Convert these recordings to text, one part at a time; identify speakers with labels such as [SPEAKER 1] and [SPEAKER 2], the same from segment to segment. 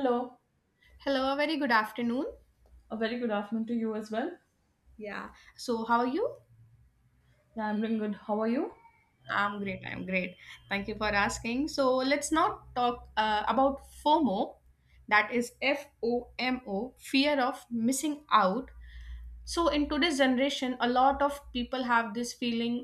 [SPEAKER 1] Hello,
[SPEAKER 2] Hello, a very good afternoon.
[SPEAKER 1] a very good afternoon to you as well.
[SPEAKER 2] Yeah. So, how are you?
[SPEAKER 1] Yeah, I'm doing good. How are you?
[SPEAKER 2] I'm great. I'm great. Thank you for asking. So, let's now talk about FOMO, that is FOMO, fear of missing out. So in today's generation, a lot of people have this feeling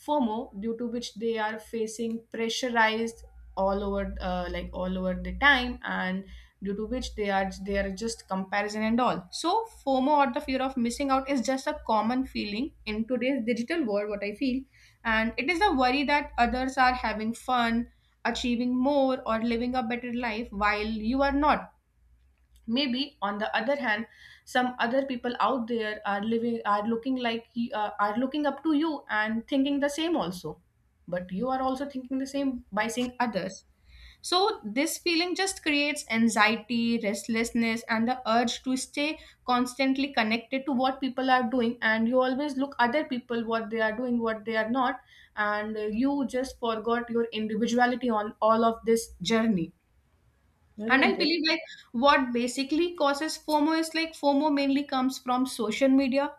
[SPEAKER 2] FOMO, due to which they are facing pressurized all over, like all over the time, and due to which they are just comparison and all. So FOMO or the fear of missing out is just a common feeling in today's digital world, what I feel, and it is a worry that others are having fun, achieving more or living a better life while you are not. Maybe on the other hand, some other people out there are looking like, are looking up to you and thinking the same also, but you are also thinking the same by seeing others. So this feeling just creates anxiety, restlessness, and the urge to stay constantly connected to what people are doing, and you always look other people what they are doing, what they are not, and you just forgot your individuality on all of this journey.
[SPEAKER 1] Very
[SPEAKER 2] And I believe,
[SPEAKER 1] interesting.
[SPEAKER 2] like, what basically causes FOMO is, like, FOMO mainly comes from social media.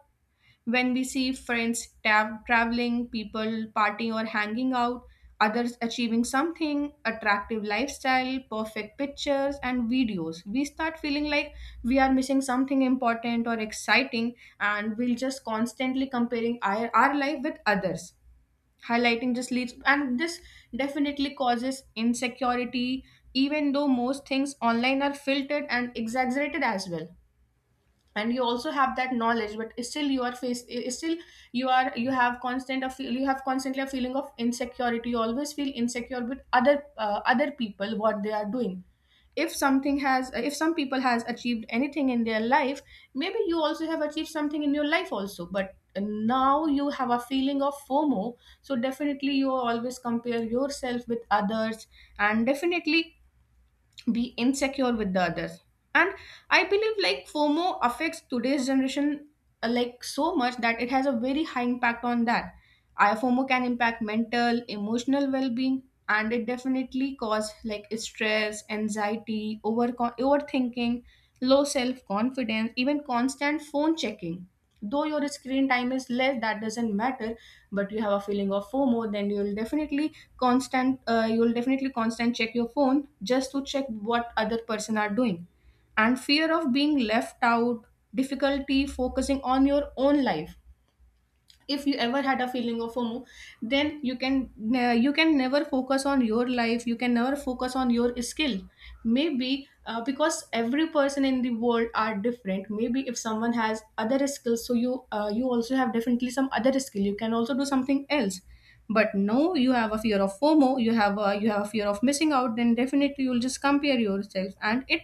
[SPEAKER 2] When we see friends traveling, people partying or hanging out, others achieving something, attractive lifestyle, perfect pictures and videos, we start feeling like we are missing something important or exciting, and we'll just constantly comparing our life with others. Highlighting just leads, and this definitely causes insecurity, even though most things online are filtered and exaggerated as well, and you also have that knowledge, but still you are face, still you are, you have constant a feel, you have constantly a feeling of insecurity. You always feel insecure with other people, what they are doing. If some people has achieved anything in their life, maybe you also have achieved something in your life also, but now you have a feeling of FOMO. So definitely you always compare yourself with others, and definitely be insecure with the others. And I believe, like, FOMO affects today's generation, like so much that it has a very high impact on that. FOMO can impact mental emotional well-being, and it definitely cause, like, stress, anxiety, overthinking, low self-confidence, even constant phone checking. Though your screen time is less, that doesn't matter, but you have a feeling of FOMO, then you'll definitely constant check your phone just to check what other person are doing, and fear of being left out, difficulty focusing on your own life. If you ever had a feeling of FOMO, then you can never focus on your life, you can never focus on your skill. Maybe because every person in the world are different, maybe if someone has other skills, so you also have definitely some other skill, you can also do something else. But no, you have a fear of FOMO, you have a fear of missing out, then definitely you'll just compare yourself, and it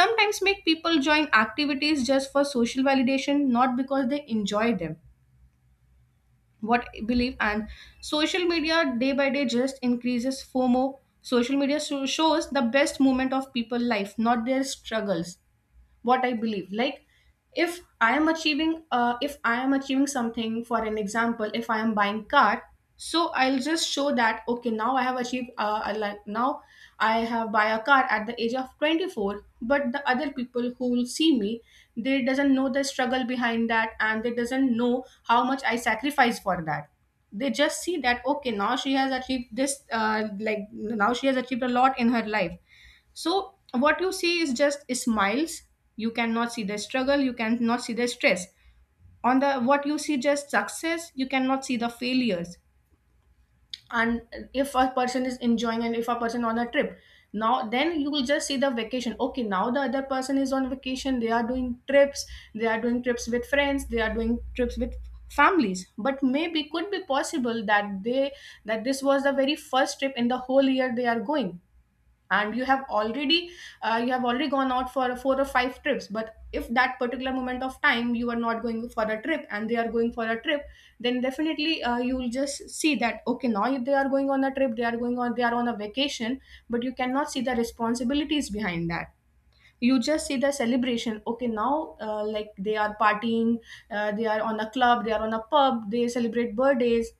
[SPEAKER 2] sometimes make people join activities just for social validation, not because they enjoy them, what I believe. And social media day by day just increases FOMO. Social media shows the best moment of people life, not their struggles, what I believe, like. If I am achieving, something, for an example, if I am buying car, so I'll just show that, okay, now I have achieved, now I have buy a car at the age of 24, but the other people who will see me, they doesn't know the struggle behind that, and they doesn't know how much I sacrifice for that. They just see that, okay, now she has achieved this, like, now she has achieved a lot in her life. So what you see is just smiles. You cannot see the struggle. You cannot see the stress. On the what you see just success, you cannot see the failures. And if a person is enjoying, and if a person on a trip, now then you will just see the vacation. Okay, now the other person is on vacation. They are doing trips. They are doing trips with friends. They are doing trips with families. But maybe could be possible that they that this was the very first trip in the whole year they are going, and you have already gone out for four or five trips. But if that particular moment of time you are not going for a trip and they are going for a trip, then definitely you will just see that, okay, now if they are going on a trip, they are on a vacation. But you cannot see the responsibilities behind that. You just see the celebration. Okay, now, like, they are partying, they are on a club, they are on a pub, they celebrate birthdays.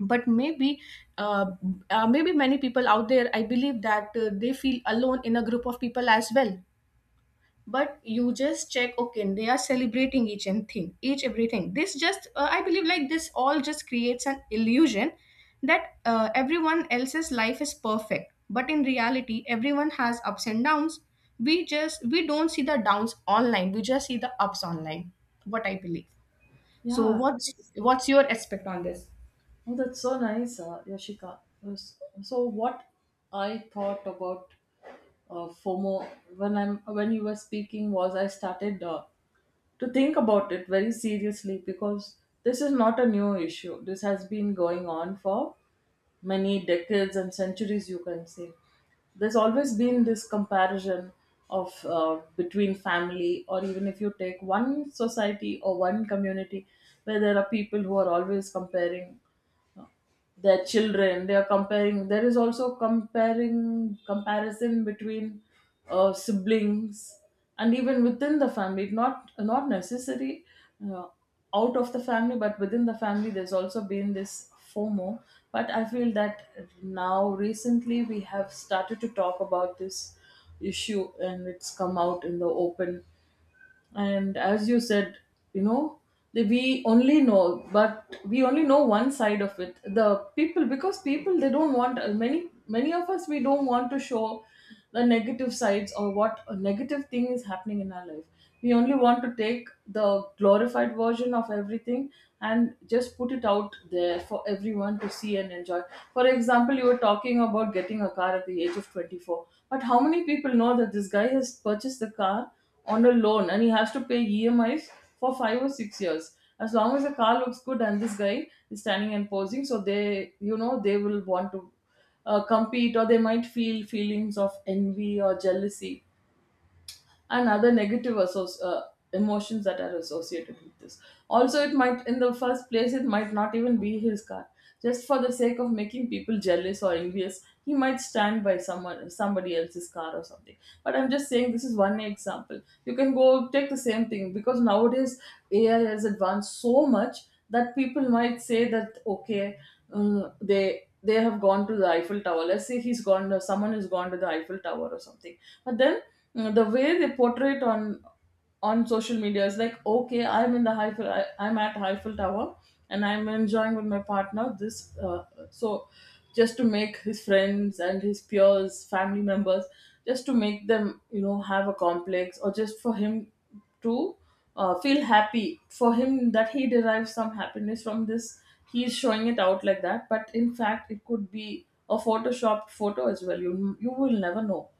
[SPEAKER 2] But maybe, uh, maybe many people out there, I believe that they feel alone in a group of people as well. But you just check, okay, they are celebrating each and thing each everything. This just, I believe, like, this all just creates an illusion that everyone else's life is perfect, but in reality everyone has ups and downs. We don't see the downs online, we just see the ups online, what I believe. So
[SPEAKER 1] Yeah,
[SPEAKER 2] what's your aspect on this?
[SPEAKER 1] oh, that's so nice, Yashika. Yes. So, what I thought about FOMO when you were speaking was I started to think about it very seriously because this is not a new issue. This has been going on for many decades and centuries, you can say. There's always been this comparison of, between family, or even if you take one society or one community where there are people who are always comparing, uh, their children. They are comparing, there is also comparing comparison between, siblings, and even within the family, not necessary uh, out of the family, but within the family there's also been this fomo. But I feel that now recently we have started to talk about this issue, and it's come out in the open. And as you said, you know that we only know one side of it. The people, because people, they don't want, many of us, we don't want to show the negative sides or what a negative thing is happening in our life. We only want to take the glorified version of everything and just put it out there for everyone to see and enjoy. For example, you were talking about getting a car at the age of 24, but how many people know that this guy has purchased the car on a loan, and he has to pay EMIs for 5 or 6 years. As long as the car looks good and this guy is standing and posing, so they, you know, they will want to compete, or they might feel feelings of envy or jealousy and other negative emotions that are associated with this. Also, it might, in the first place, it might not even be his car. Just for the sake of making people jealous or envious, he might stand by someone, somebody else's car or something. But I'm just saying, this is one example. You can go take the same thing, because nowadays AI has advanced so much that people might say that, okay, they have gone to the Eiffel Tower. Let's say he's gone, someone has gone to the Eiffel Tower or something, but then the way they portray it on social media is like, okay, I'm at Eiffel Tower, and I'm enjoying with my partner this. So, just to make his friends and his peers, family members, just to make them, you know, have a complex, or just for him to feel happy, for him, that he derives some happiness from this. He is showing it out like that, but in fact it could be a photoshopped photo as well. You will never know.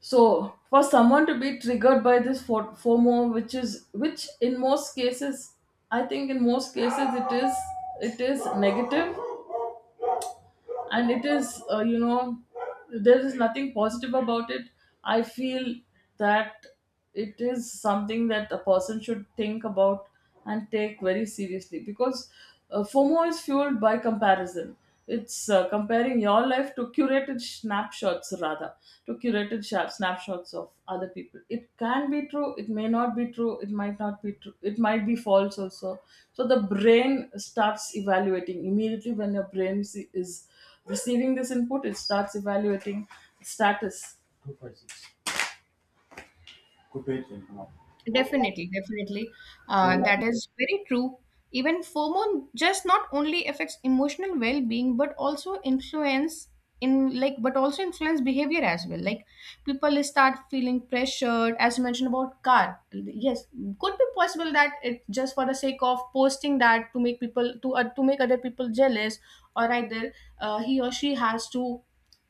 [SPEAKER 1] So, for someone to be triggered by this FOMO, which, is which in most cases, I think in most cases, it is negative, and it is, there is nothing positive about it. I feel that it is something that a person should think about and take very seriously, because FOMO is fueled by comparison. It's, comparing your life to curated snapshots, rather to curated sharp snapshots of other people. It can be true, it may not be true, it might not be true, it might be false also. So the brain starts evaluating immediately. When your brain is receiving this input, it starts evaluating status.
[SPEAKER 2] Definitely, definitely. That is very true. Even FOMO just not only affects emotional well-being, but also influence behavior as well. Like, people start feeling pressured, as you mentioned about car. Yes, could be possible that it just for the sake of posting that to make other people jealous, or either he or she has to,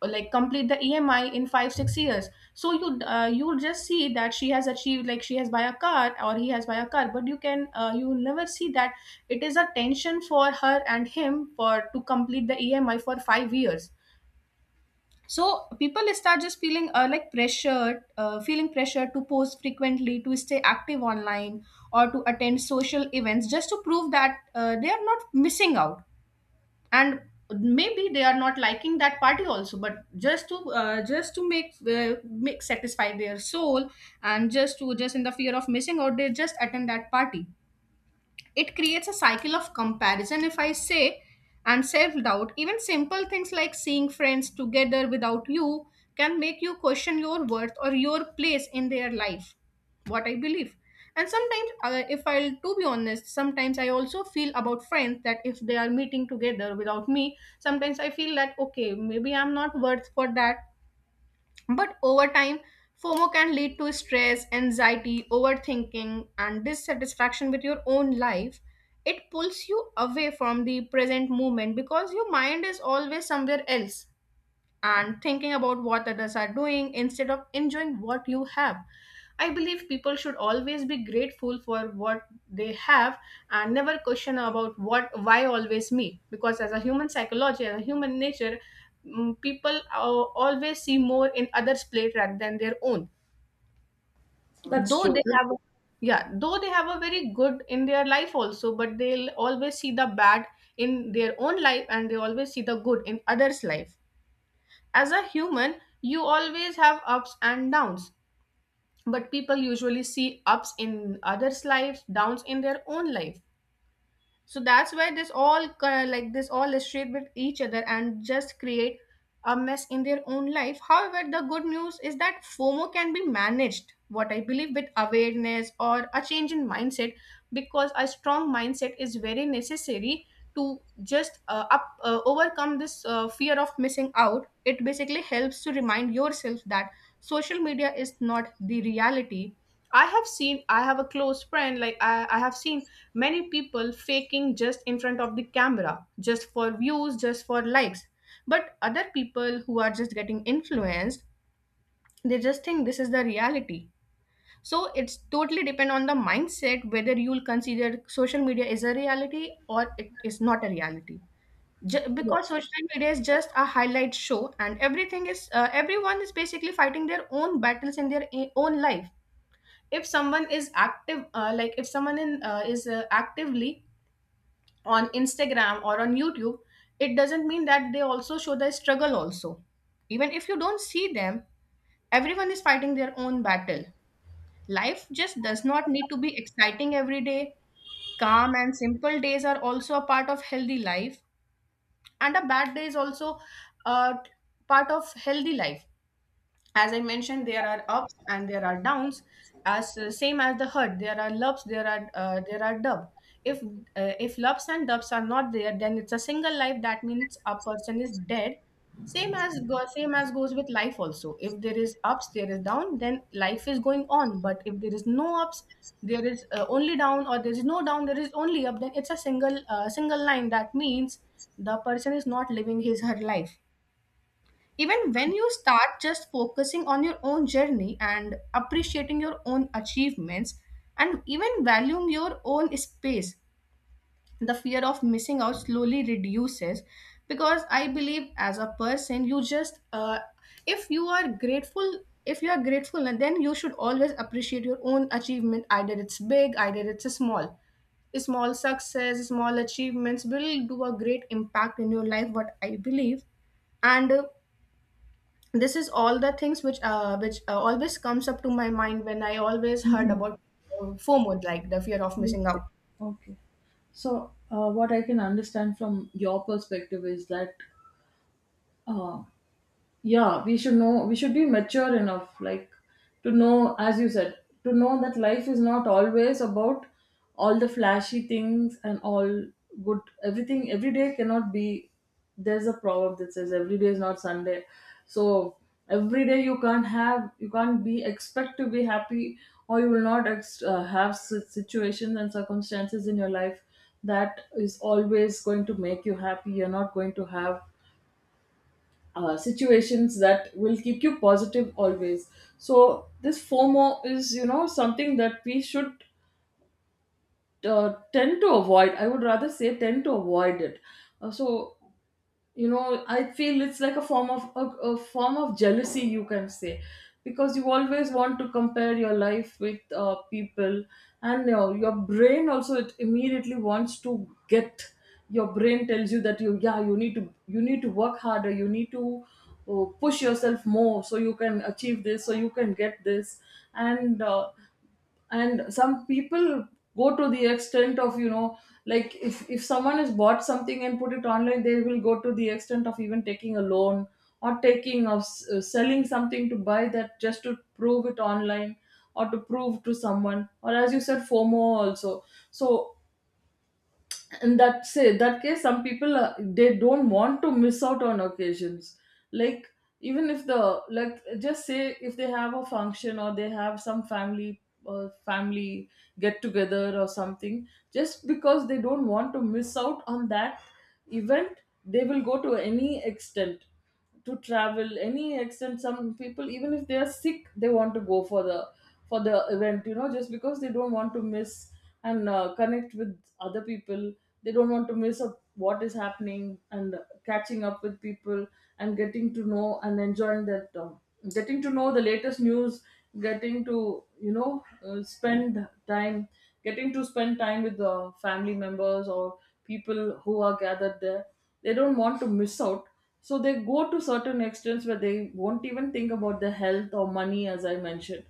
[SPEAKER 2] like, complete the EMI in 5-6 years. So you'll just see that she has achieved, like, she has buy a car or he has buy a car, but you will never see that it is a tension for her and him for to complete the EMI for 5 years. So people start just feeling pressure to post frequently, to stay active online, or to attend social events just to prove that they are not missing out, and maybe they are not liking that party also, but just to, make satisfy their soul, and just in the fear of missing out they just attend that party. It creates a cycle of comparison, if I say, and self doubt. Even simple things like seeing friends together without you can make you question your worth or your place in their life, what I believe. And sometimes, if I'll to be honest, sometimes I also feel about friends that if they are meeting together without me, sometimes I feel that, okay, maybe I'm not worth for that, but over time, FOMO can lead to stress, anxiety, overthinking, and dissatisfaction with your own life. It pulls you away from the present moment because your mind is always somewhere else and thinking about what others are doing instead of enjoying what you have. I believe people should always be grateful for what they have and never question about what, why always me, because as a human psychology, as a human nature, people always see more in others plate rather than their own,
[SPEAKER 1] That's
[SPEAKER 2] though
[SPEAKER 1] true.
[SPEAKER 2] they have. Yeah, though they have a very good in their life also, but they'll always see the bad in their own life, and they always see the good in others life. As a human, you always have ups and downs, but people usually see ups in others' life, downs in their own life, so that's why this all like this all illustrate with each other and just create a mess in their own life. However, the good news is that FOMO can be managed, what I believe, with awareness or a change in mindset, because a strong mindset is very necessary to just overcome this fear of missing out. It basically helps to remind yourself that social media is not the reality. I have seen, I have a close friend, like I have seen many people faking just in front of the camera, just for views, just for likes. But other people who are just getting influenced, they just think this is the reality. So it's totally depend on the mindset whether you'll consider social media is a reality or it is not a reality. Because social media is just a highlight show and everything is everyone is basically fighting their own battles in their own life. If someone is active like if someone in, is actively on Instagram or on YouTube, it doesn't mean that they also show the struggle also. Even if you don't see them, everyone is fighting their own battle. Life just does not need to be exciting every day. Calm and simple days are also a part of healthy life, and a bad day is also a part of healthy life. As I mentioned, there are ups and there are downs. As same as the herd, there are lubs, there are dub. If uh, if lubs and dubs are not there, then it's a single life, that means a person is dead. Same as goes with life also. If there is ups there is down, then life is going on, but if there is no ups, there is only down, or there is no down there is only up, then it's a single line, that means the person is not living his her life. Even when you start just focusing on your own journey and appreciating your own achievements and even valuing your own space, the fear of missing out slowly reduces, because I believe as a person, if you are grateful, and then you should always appreciate your own achievement, either it's big, either it's small. Small success, small achievements will do a great impact in your life, what I believe. And this is all the things which always comes up to my mind when I always heard
[SPEAKER 1] Mhm.
[SPEAKER 2] about FOMO, like the fear of missing
[SPEAKER 1] Okay.
[SPEAKER 2] out.
[SPEAKER 1] Okay. So, what I can understand from your perspective is that, uh, yeah, we should be mature enough, like, to know, as you said, to know that life is not always about all the flashy things and all. Good everything every day cannot be. There's a proverb that says every day is not Sunday. So every day you can't be expect to be happy, or you will not have situations and circumstances in your life that is always going to make you happy. You're not going to have situations that will keep you positive always. So this FOMO is, something that we should tend to avoid. I would rather say, tend to avoid it. So, I feel it's like a form of a form of jealousy, you can say, because you always want to compare your life with, people. And your brain also it immediately wants to get your brain tells you that you need to, you need to work harder. You need to push yourself more, so you can achieve this, so you can get this. And some people go to the extent of, like, if someone has bought something and put it online, they will go to the extent of even taking a loan, or selling something to buy that, just to prove it online, or to prove to someone, or as you said, FOMO also. So in that case, some people, they don't want to miss out on occasions, like, even if the like, just say, if they have a function, or they have some family get together or something, just because they don't want to miss out on that event, they will go to any extent, to travel any extent. Some people, even if they are sick, they want to go for the, event, just because they don't want to miss, and connect with other people. They don't want to miss up what is happening, and catching up with people, and getting to know, and enjoying that, getting to know the latest news, getting to, spend time, getting to spend time with the family members, or people who are gathered there. They don't want to miss out. So they go to certain extents where they won't even think about their health or money, as I mentioned.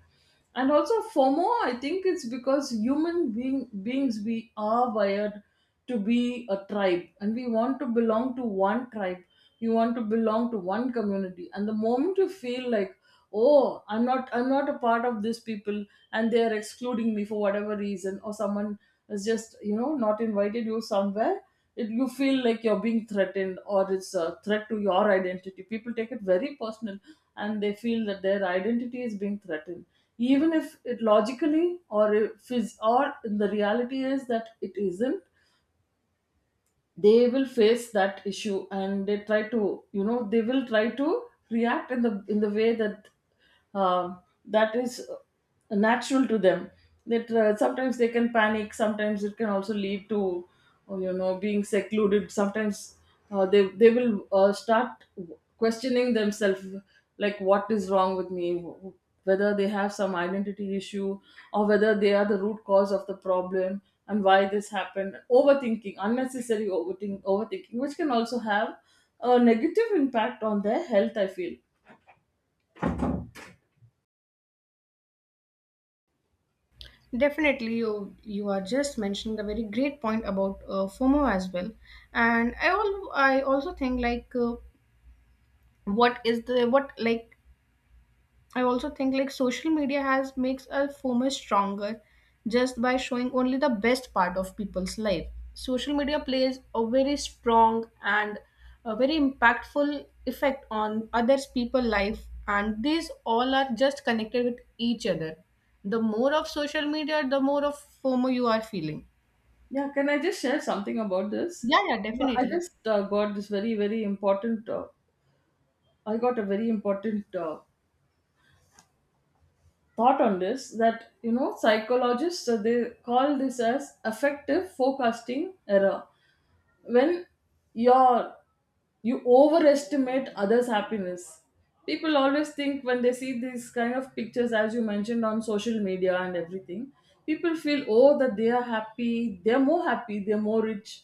[SPEAKER 1] And also, FOMO, I think it's because human beings, we are wired to be a tribe, and we want to belong to one tribe. We want to belong to one community, and the moment you feel like, oh, I'm not a part of these people, and they are excluding me for whatever reason, or someone has just, not invited you somewhere, you feel like you're being threatened, or it's a threat to your identity. People take it very personal, and they feel that their identity is being threatened, even if it logically, or if is or in the reality is that it isn't. They will face that issue, and they try to, they will try to react in the way that uh, that is natural to them. That, sometimes they can panic, sometimes it can also lead to, being secluded, sometimes they will start questioning themselves, like, what is wrong with me, whether they have some identity issue, or whether they are the root cause of the problem, and why this happened. Overthinking, unnecessary overthinking, which can also have a negative impact on their health, I feel.
[SPEAKER 2] Definitely you are just mentioning a very great point about FOMO as well. And i also think like what is the what like I also think like social media has makes a FOMO stronger, just by showing only the best part of people's life. Social media plays a very strong and a very impactful effect on others people life, and these all are just connected with each other. The more of social media, the more of FOMO you are feeling.
[SPEAKER 1] Yeah, can I just share something about this?
[SPEAKER 2] Yeah, yeah,
[SPEAKER 1] No, I
[SPEAKER 2] definitely.
[SPEAKER 1] just, got this very, very important, I got a very important thought on this, that, psychologists, they call this as effective forecasting error, when your you overestimate others' happiness. People always think, when they see these kind of pictures, as you mentioned, on social media and everything, people feel, oh, that they are happy, they're more happy, they're more rich,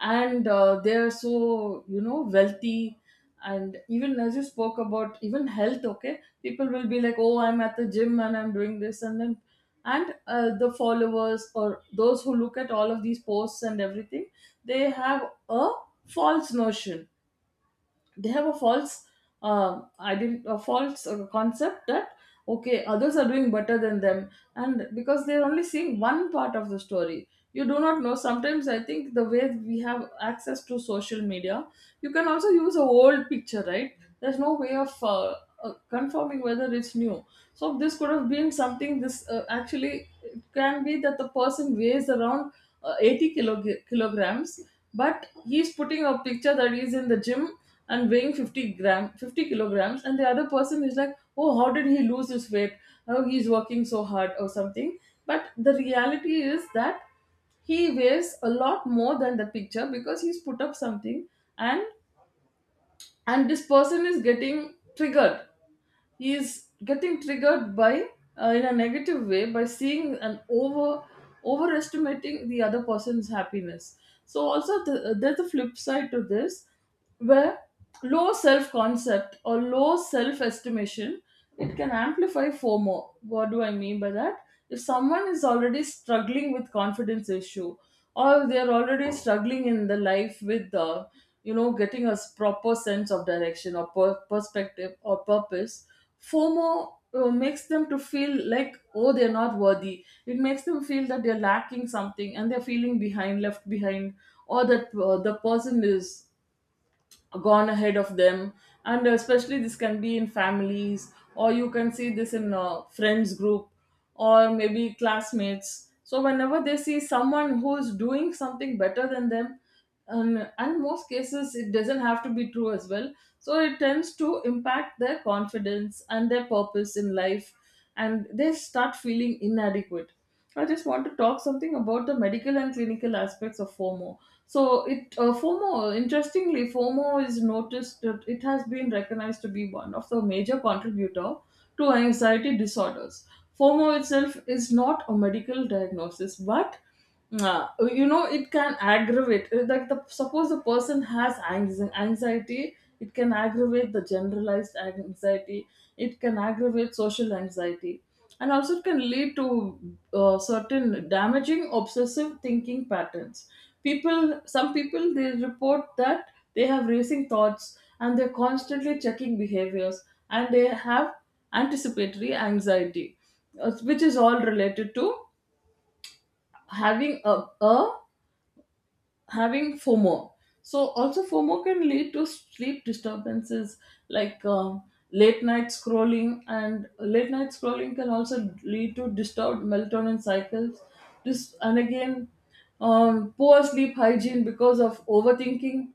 [SPEAKER 1] and they're so, wealthy. And even as you spoke about, even health, okay, people will be like, oh, I'm at the gym and I'm doing this and then. And the followers, or those who look at all of these posts and everything, they have a false notion, they have a false concept that, okay, others are doing better than them. And because they're only seeing one part of the story, you do not know. Sometimes I think the way we have access to social media, you can also use a old picture, right? There's no way of confirming whether it's new. So this could have been something. This, actually, it can be that the person weighs around, 80 kilograms, but he's putting a picture that he's in the gym and weighing 50 kilograms, and the other person is like, oh, how did he lose his weight? Oh, he's working so hard or something. But the reality is that he weighs a lot more than the picture because he's put up something and and this person is getting triggered by in a negative way by seeing and overestimating the other person's happiness. So also there's a flip side to this, where low self concept or low self estimation, it can amplify FOMO. What do I mean by that? If someone is already struggling with confidence issue, or they're already struggling in the life with, getting a proper sense of direction or perspective or purpose, FOMO makes them to feel like, oh, they're not worthy. It makes them feel that they're lacking something and they're feeling behind, left behind, or that the person is gone ahead of them. And especially this can be in families, or you can see this in a friends group or maybe classmates. So whenever they see someone who's doing something better than them, and most cases it doesn't have to be true as well, so it tends to impact their confidence and their purpose in life, and they start feeling inadequate. I just want to talk something about the medical and clinical aspects of FOMO. So, FOMO is noticed that it has been recognized to be one of the major contributor to anxiety disorders. FOMO itself is not a medical diagnosis, but uh, you know, it can aggravate. Like the, suppose the person has anxiety, it can aggravate the generalized anxiety, it can aggravate social anxiety, and also it can lead to certain damaging obsessive thinking patterns. People some people, they report that they have racing thoughts and they're constantly checking behaviors, and they have anticipatory anxiety, which is all related to having a having FOMO. So also FOMO can lead to sleep disturbances, like late night scrolling, and late night scrolling can also lead to disturbed melatonin cycles. This, and again, poor sleep hygiene because of overthinking.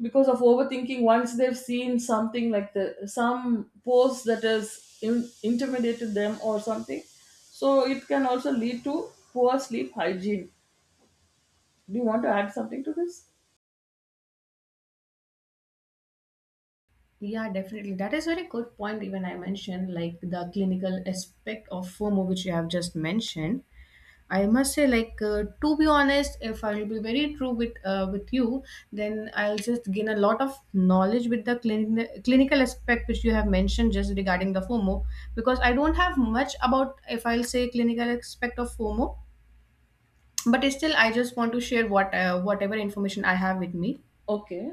[SPEAKER 1] Because of overthinking, once they've seen something like the some post that has intimidated them or something, so it can also lead to poor sleep hygiene. Do you want to add something to this?
[SPEAKER 2] Yeah, definitely. That is very good point. Even I mentioned like the clinical aspect of FOMO, which you have just mentioned. I must say, to be honest, if I will be very true with you, then I'll just gain a lot of knowledge with the clinical aspect which you have mentioned just regarding the FOMO, because I don't have much about if I'll say clinical aspect of FOMO, but still I just want to share what whatever information I have with me.
[SPEAKER 1] Okay.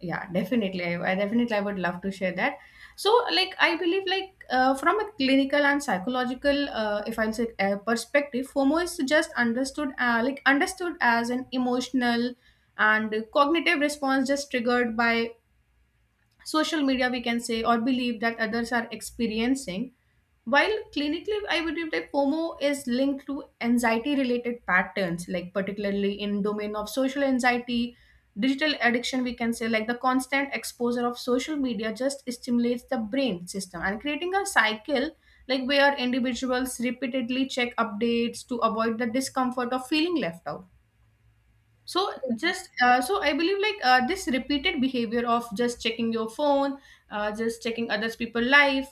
[SPEAKER 2] Yeah, definitely. I definitely I would love to share that. So like I believe from a clinical and psychological if I'll say perspective, FOMO is just understood like understood as an emotional and cognitive response just triggered by social media, we can say, or believe that others are experiencing, while clinically, I believe that FOMO is linked to anxiety-related patterns, like particularly in domain of social anxiety, digital addiction. We can say like the constant exposure of social media just stimulates the brain system and creating a cycle like where individuals repeatedly check updates to avoid the discomfort of feeling left out. So
[SPEAKER 1] Yeah,
[SPEAKER 2] just uh, so I believe this repeated behavior of just checking your phone, just checking others people' life,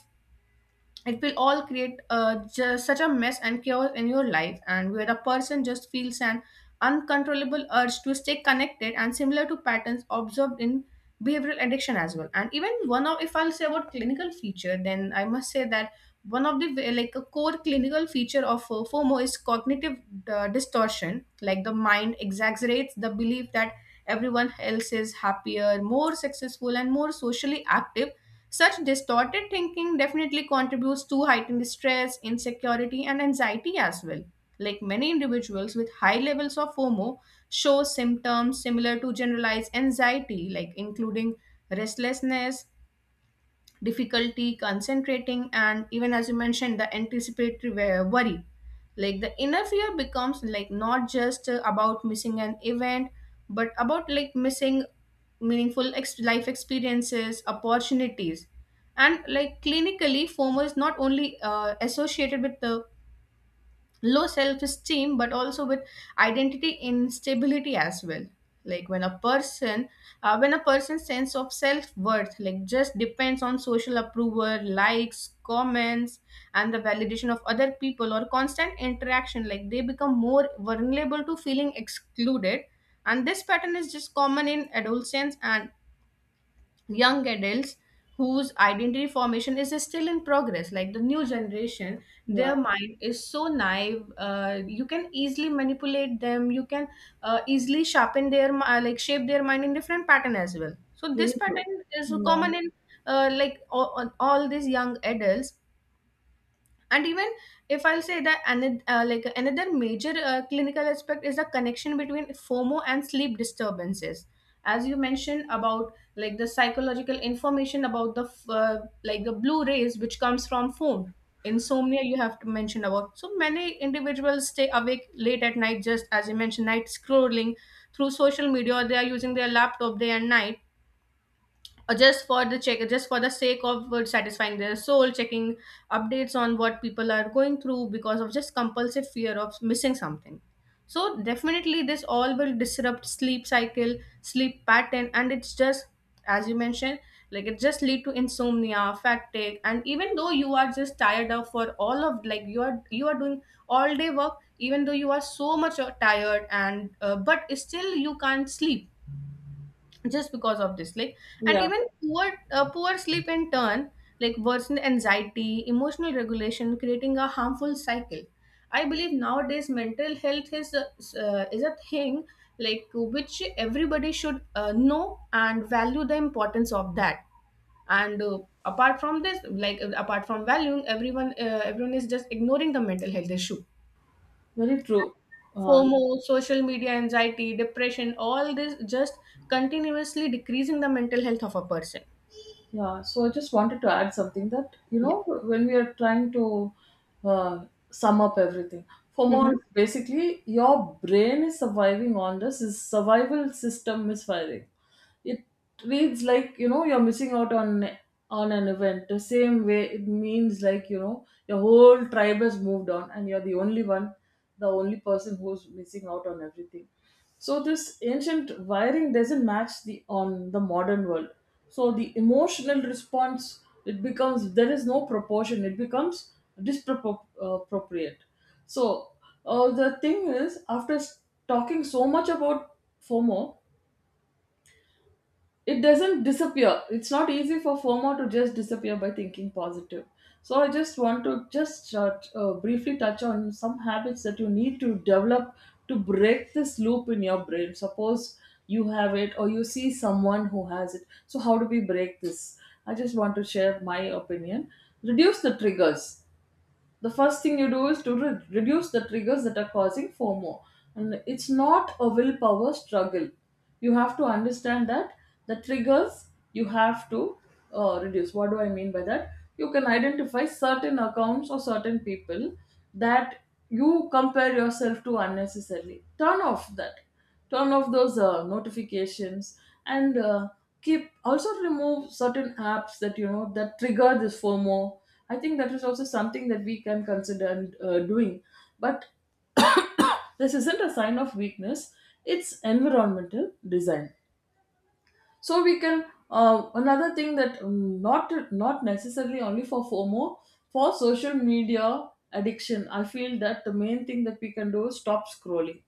[SPEAKER 2] it will all create just such a mess and chaos in your life, and where a person just feels an uncontrollable urge to stay connected, and similar to patterns observed in behavioral addiction as well. And even one of, if I'll say about clinical feature, then I must say that one of the wa- like a core clinical feature of FOMO is cognitive distortion, like the mind exaggerates the belief that everyone else is happier, more successful and more socially active. Such distorted thinking definitely contributes to heightened stress, insecurity and anxiety as well. Like many individuals with high levels of FOMO show symptoms similar to generalized anxiety, like including restlessness, difficulty concentrating, and even as you mentioned, the anticipatory worry. Like the inner fear becomes like not just about missing an event, but about like missing meaningful life experiences, opportunities, and like clinically, FOMO is not only associated with the low self esteem, but also with identity instability as well. Like when a person's sense of self worth like just depends on social approval, likes, comments and the validation of other people or constant interaction, like they become more vulnerable to feeling excluded, and this pattern is just common in adolescence and young adults whose identity formation is still in progress. Like the new generation,
[SPEAKER 1] yeah,
[SPEAKER 2] their mind is so naive, you can easily manipulate them, you can easily sharpen their like shape their mind in different pattern as well. So
[SPEAKER 1] very
[SPEAKER 2] this
[SPEAKER 1] true.
[SPEAKER 2] pattern is
[SPEAKER 1] Yeah,
[SPEAKER 2] common in like all these young adults. And even if I'll say that another like another major clinical aspect is the connection between FOMO and sleep disturbances, as you mentioned about like the psychological information about the like the blue rays which comes from phone, insomnia, you have to mention about. So many individuals stay awake late at night, just as you mentioned, night scrolling through social media, or they are using their laptop day and night, or just for the check just for the sake of satisfying their soul, checking updates on what people are going through because of just compulsive fear of missing something. So definitely this all will disrupt sleep cycle, sleep pattern, and it's just, as you mentioned, like it just lead to insomnia, fatigue, and even though you are just tired of for all of, like you are, you are doing all day work, even though you are so much tired and but still you can't sleep just because of this, like. And
[SPEAKER 1] yeah,
[SPEAKER 2] even poor sleep in turn like worsen anxiety, emotional regulation, creating a harmful cycle. I believe nowadays mental health is a thing, like which everybody should know and value the importance of that. And apart from this, like apart from valuing everyone, everyone is just ignoring the mental health issue.
[SPEAKER 1] very true. Uh,
[SPEAKER 2] FOMO, social media anxiety, depression, all this just continuously decreasing the mental health of a person.
[SPEAKER 1] Yeah, so I just wanted to add something that, you
[SPEAKER 2] Yeah.
[SPEAKER 1] know, when we are trying to sum up everything,
[SPEAKER 2] Mm-hmm.
[SPEAKER 1] FOMO is basically your brain is surviving on this, is survival system misfiring. It reads like, you know, you're missing out on an event. The same way it means like, you know, your whole tribe has moved on and you're the only one, the only person who's missing out on everything. So this ancient wiring doesn't match the on the modern world. So the emotional response, it becomes, there is no proportion. It becomes disproportionate. So the thing is, after talking so much about FOMO, it doesn't disappear. It's not easy for FOMO to just disappear by thinking positive. So I just want to just briefly touch on some habits that you need to develop to break this loop in your brain. Suppose you have it or you see someone who has it, so how do we break this? I just want to share my opinion. Reduce the triggers. The first thing you do is to reduce the triggers that are causing FOMO. And it's not a willpower struggle. You have to understand that the triggers, you have to reduce. What do I mean by that? You can identify certain accounts or certain people that you compare yourself to unnecessarily. Turn off that, turn off those notifications, and keep, also remove certain apps that you know that trigger this FOMO. I think that is also something that we can consider and, doing. But this isn't a sign of weakness, it's environmental design. So we can, another thing that, not not necessarily only for FOMO, for social media addiction, I feel that the main thing that we can do is stop scrolling.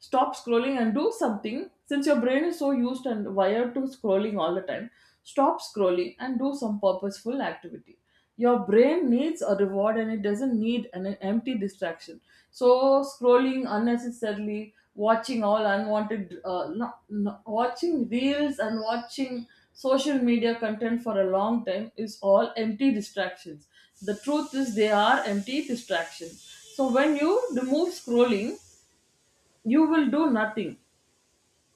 [SPEAKER 1] Stop scrolling and do something, since your brain is so used and wired to scrolling all the time. Stop scrolling and do some purposeful activity. Your brain needs a reward, and it doesn't need an empty distraction. So scrolling unnecessarily, watching all unwanted, not, not, watching reels and watching social media content for a long time is all empty distractions. The truth is, they are empty distractions. So when you remove scrolling, you will do nothing.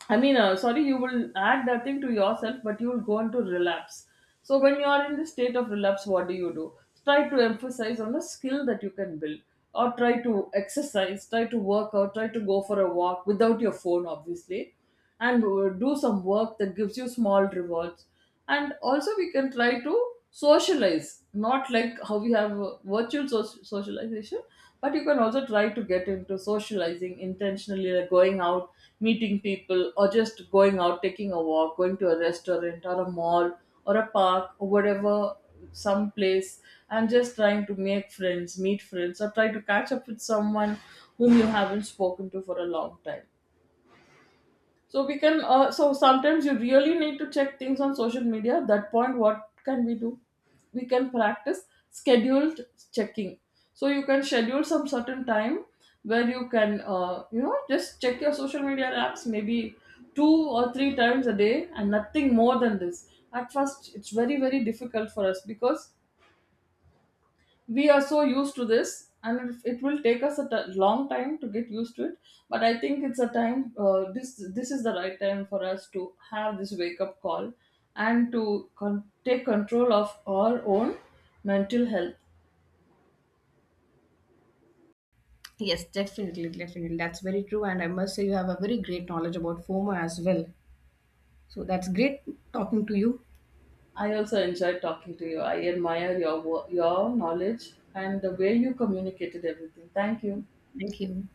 [SPEAKER 1] I mean, sorry, you will add that thing to yourself, but you will go into relapse. So when you are in the state of relapse, what do you do? Try to emphasize on a skill that you can build, or try to exercise, try to work out, try to go for a walk without your phone, obviously, and do some work that gives you small rewards. And also we can try to socialize, not like how we have virtual socialization, but you can also try to get into socializing intentionally, like going out, meeting people, or just going out, taking a walk, going to a restaurant or a mall or a park or whatever, some place, and just trying to make friends, meet friends, or try to catch up with someone whom you haven't spoken to for a long time. So we can. So sometimes you really need to check things on social media. At that point, what can we do? We can practice scheduled checking. So you can schedule some certain time where you can, you know, just check your social media apps maybe two or three times a day and nothing more than this. At first, it's very very difficult for us because we are so used to this, and it will take us a long time to get used to it. But I think it's a time, this is the right time for us to have this wake up call and to take control of our own mental health.
[SPEAKER 2] Yes, definitely, definitely. That's very true. And I must say, you have a very great knowledge about FOMO as well. So that's great talking to you.
[SPEAKER 1] I also enjoyed talking to you. I admire your your knowledge and the way you communicated everything. Thank you.
[SPEAKER 2] Thank you.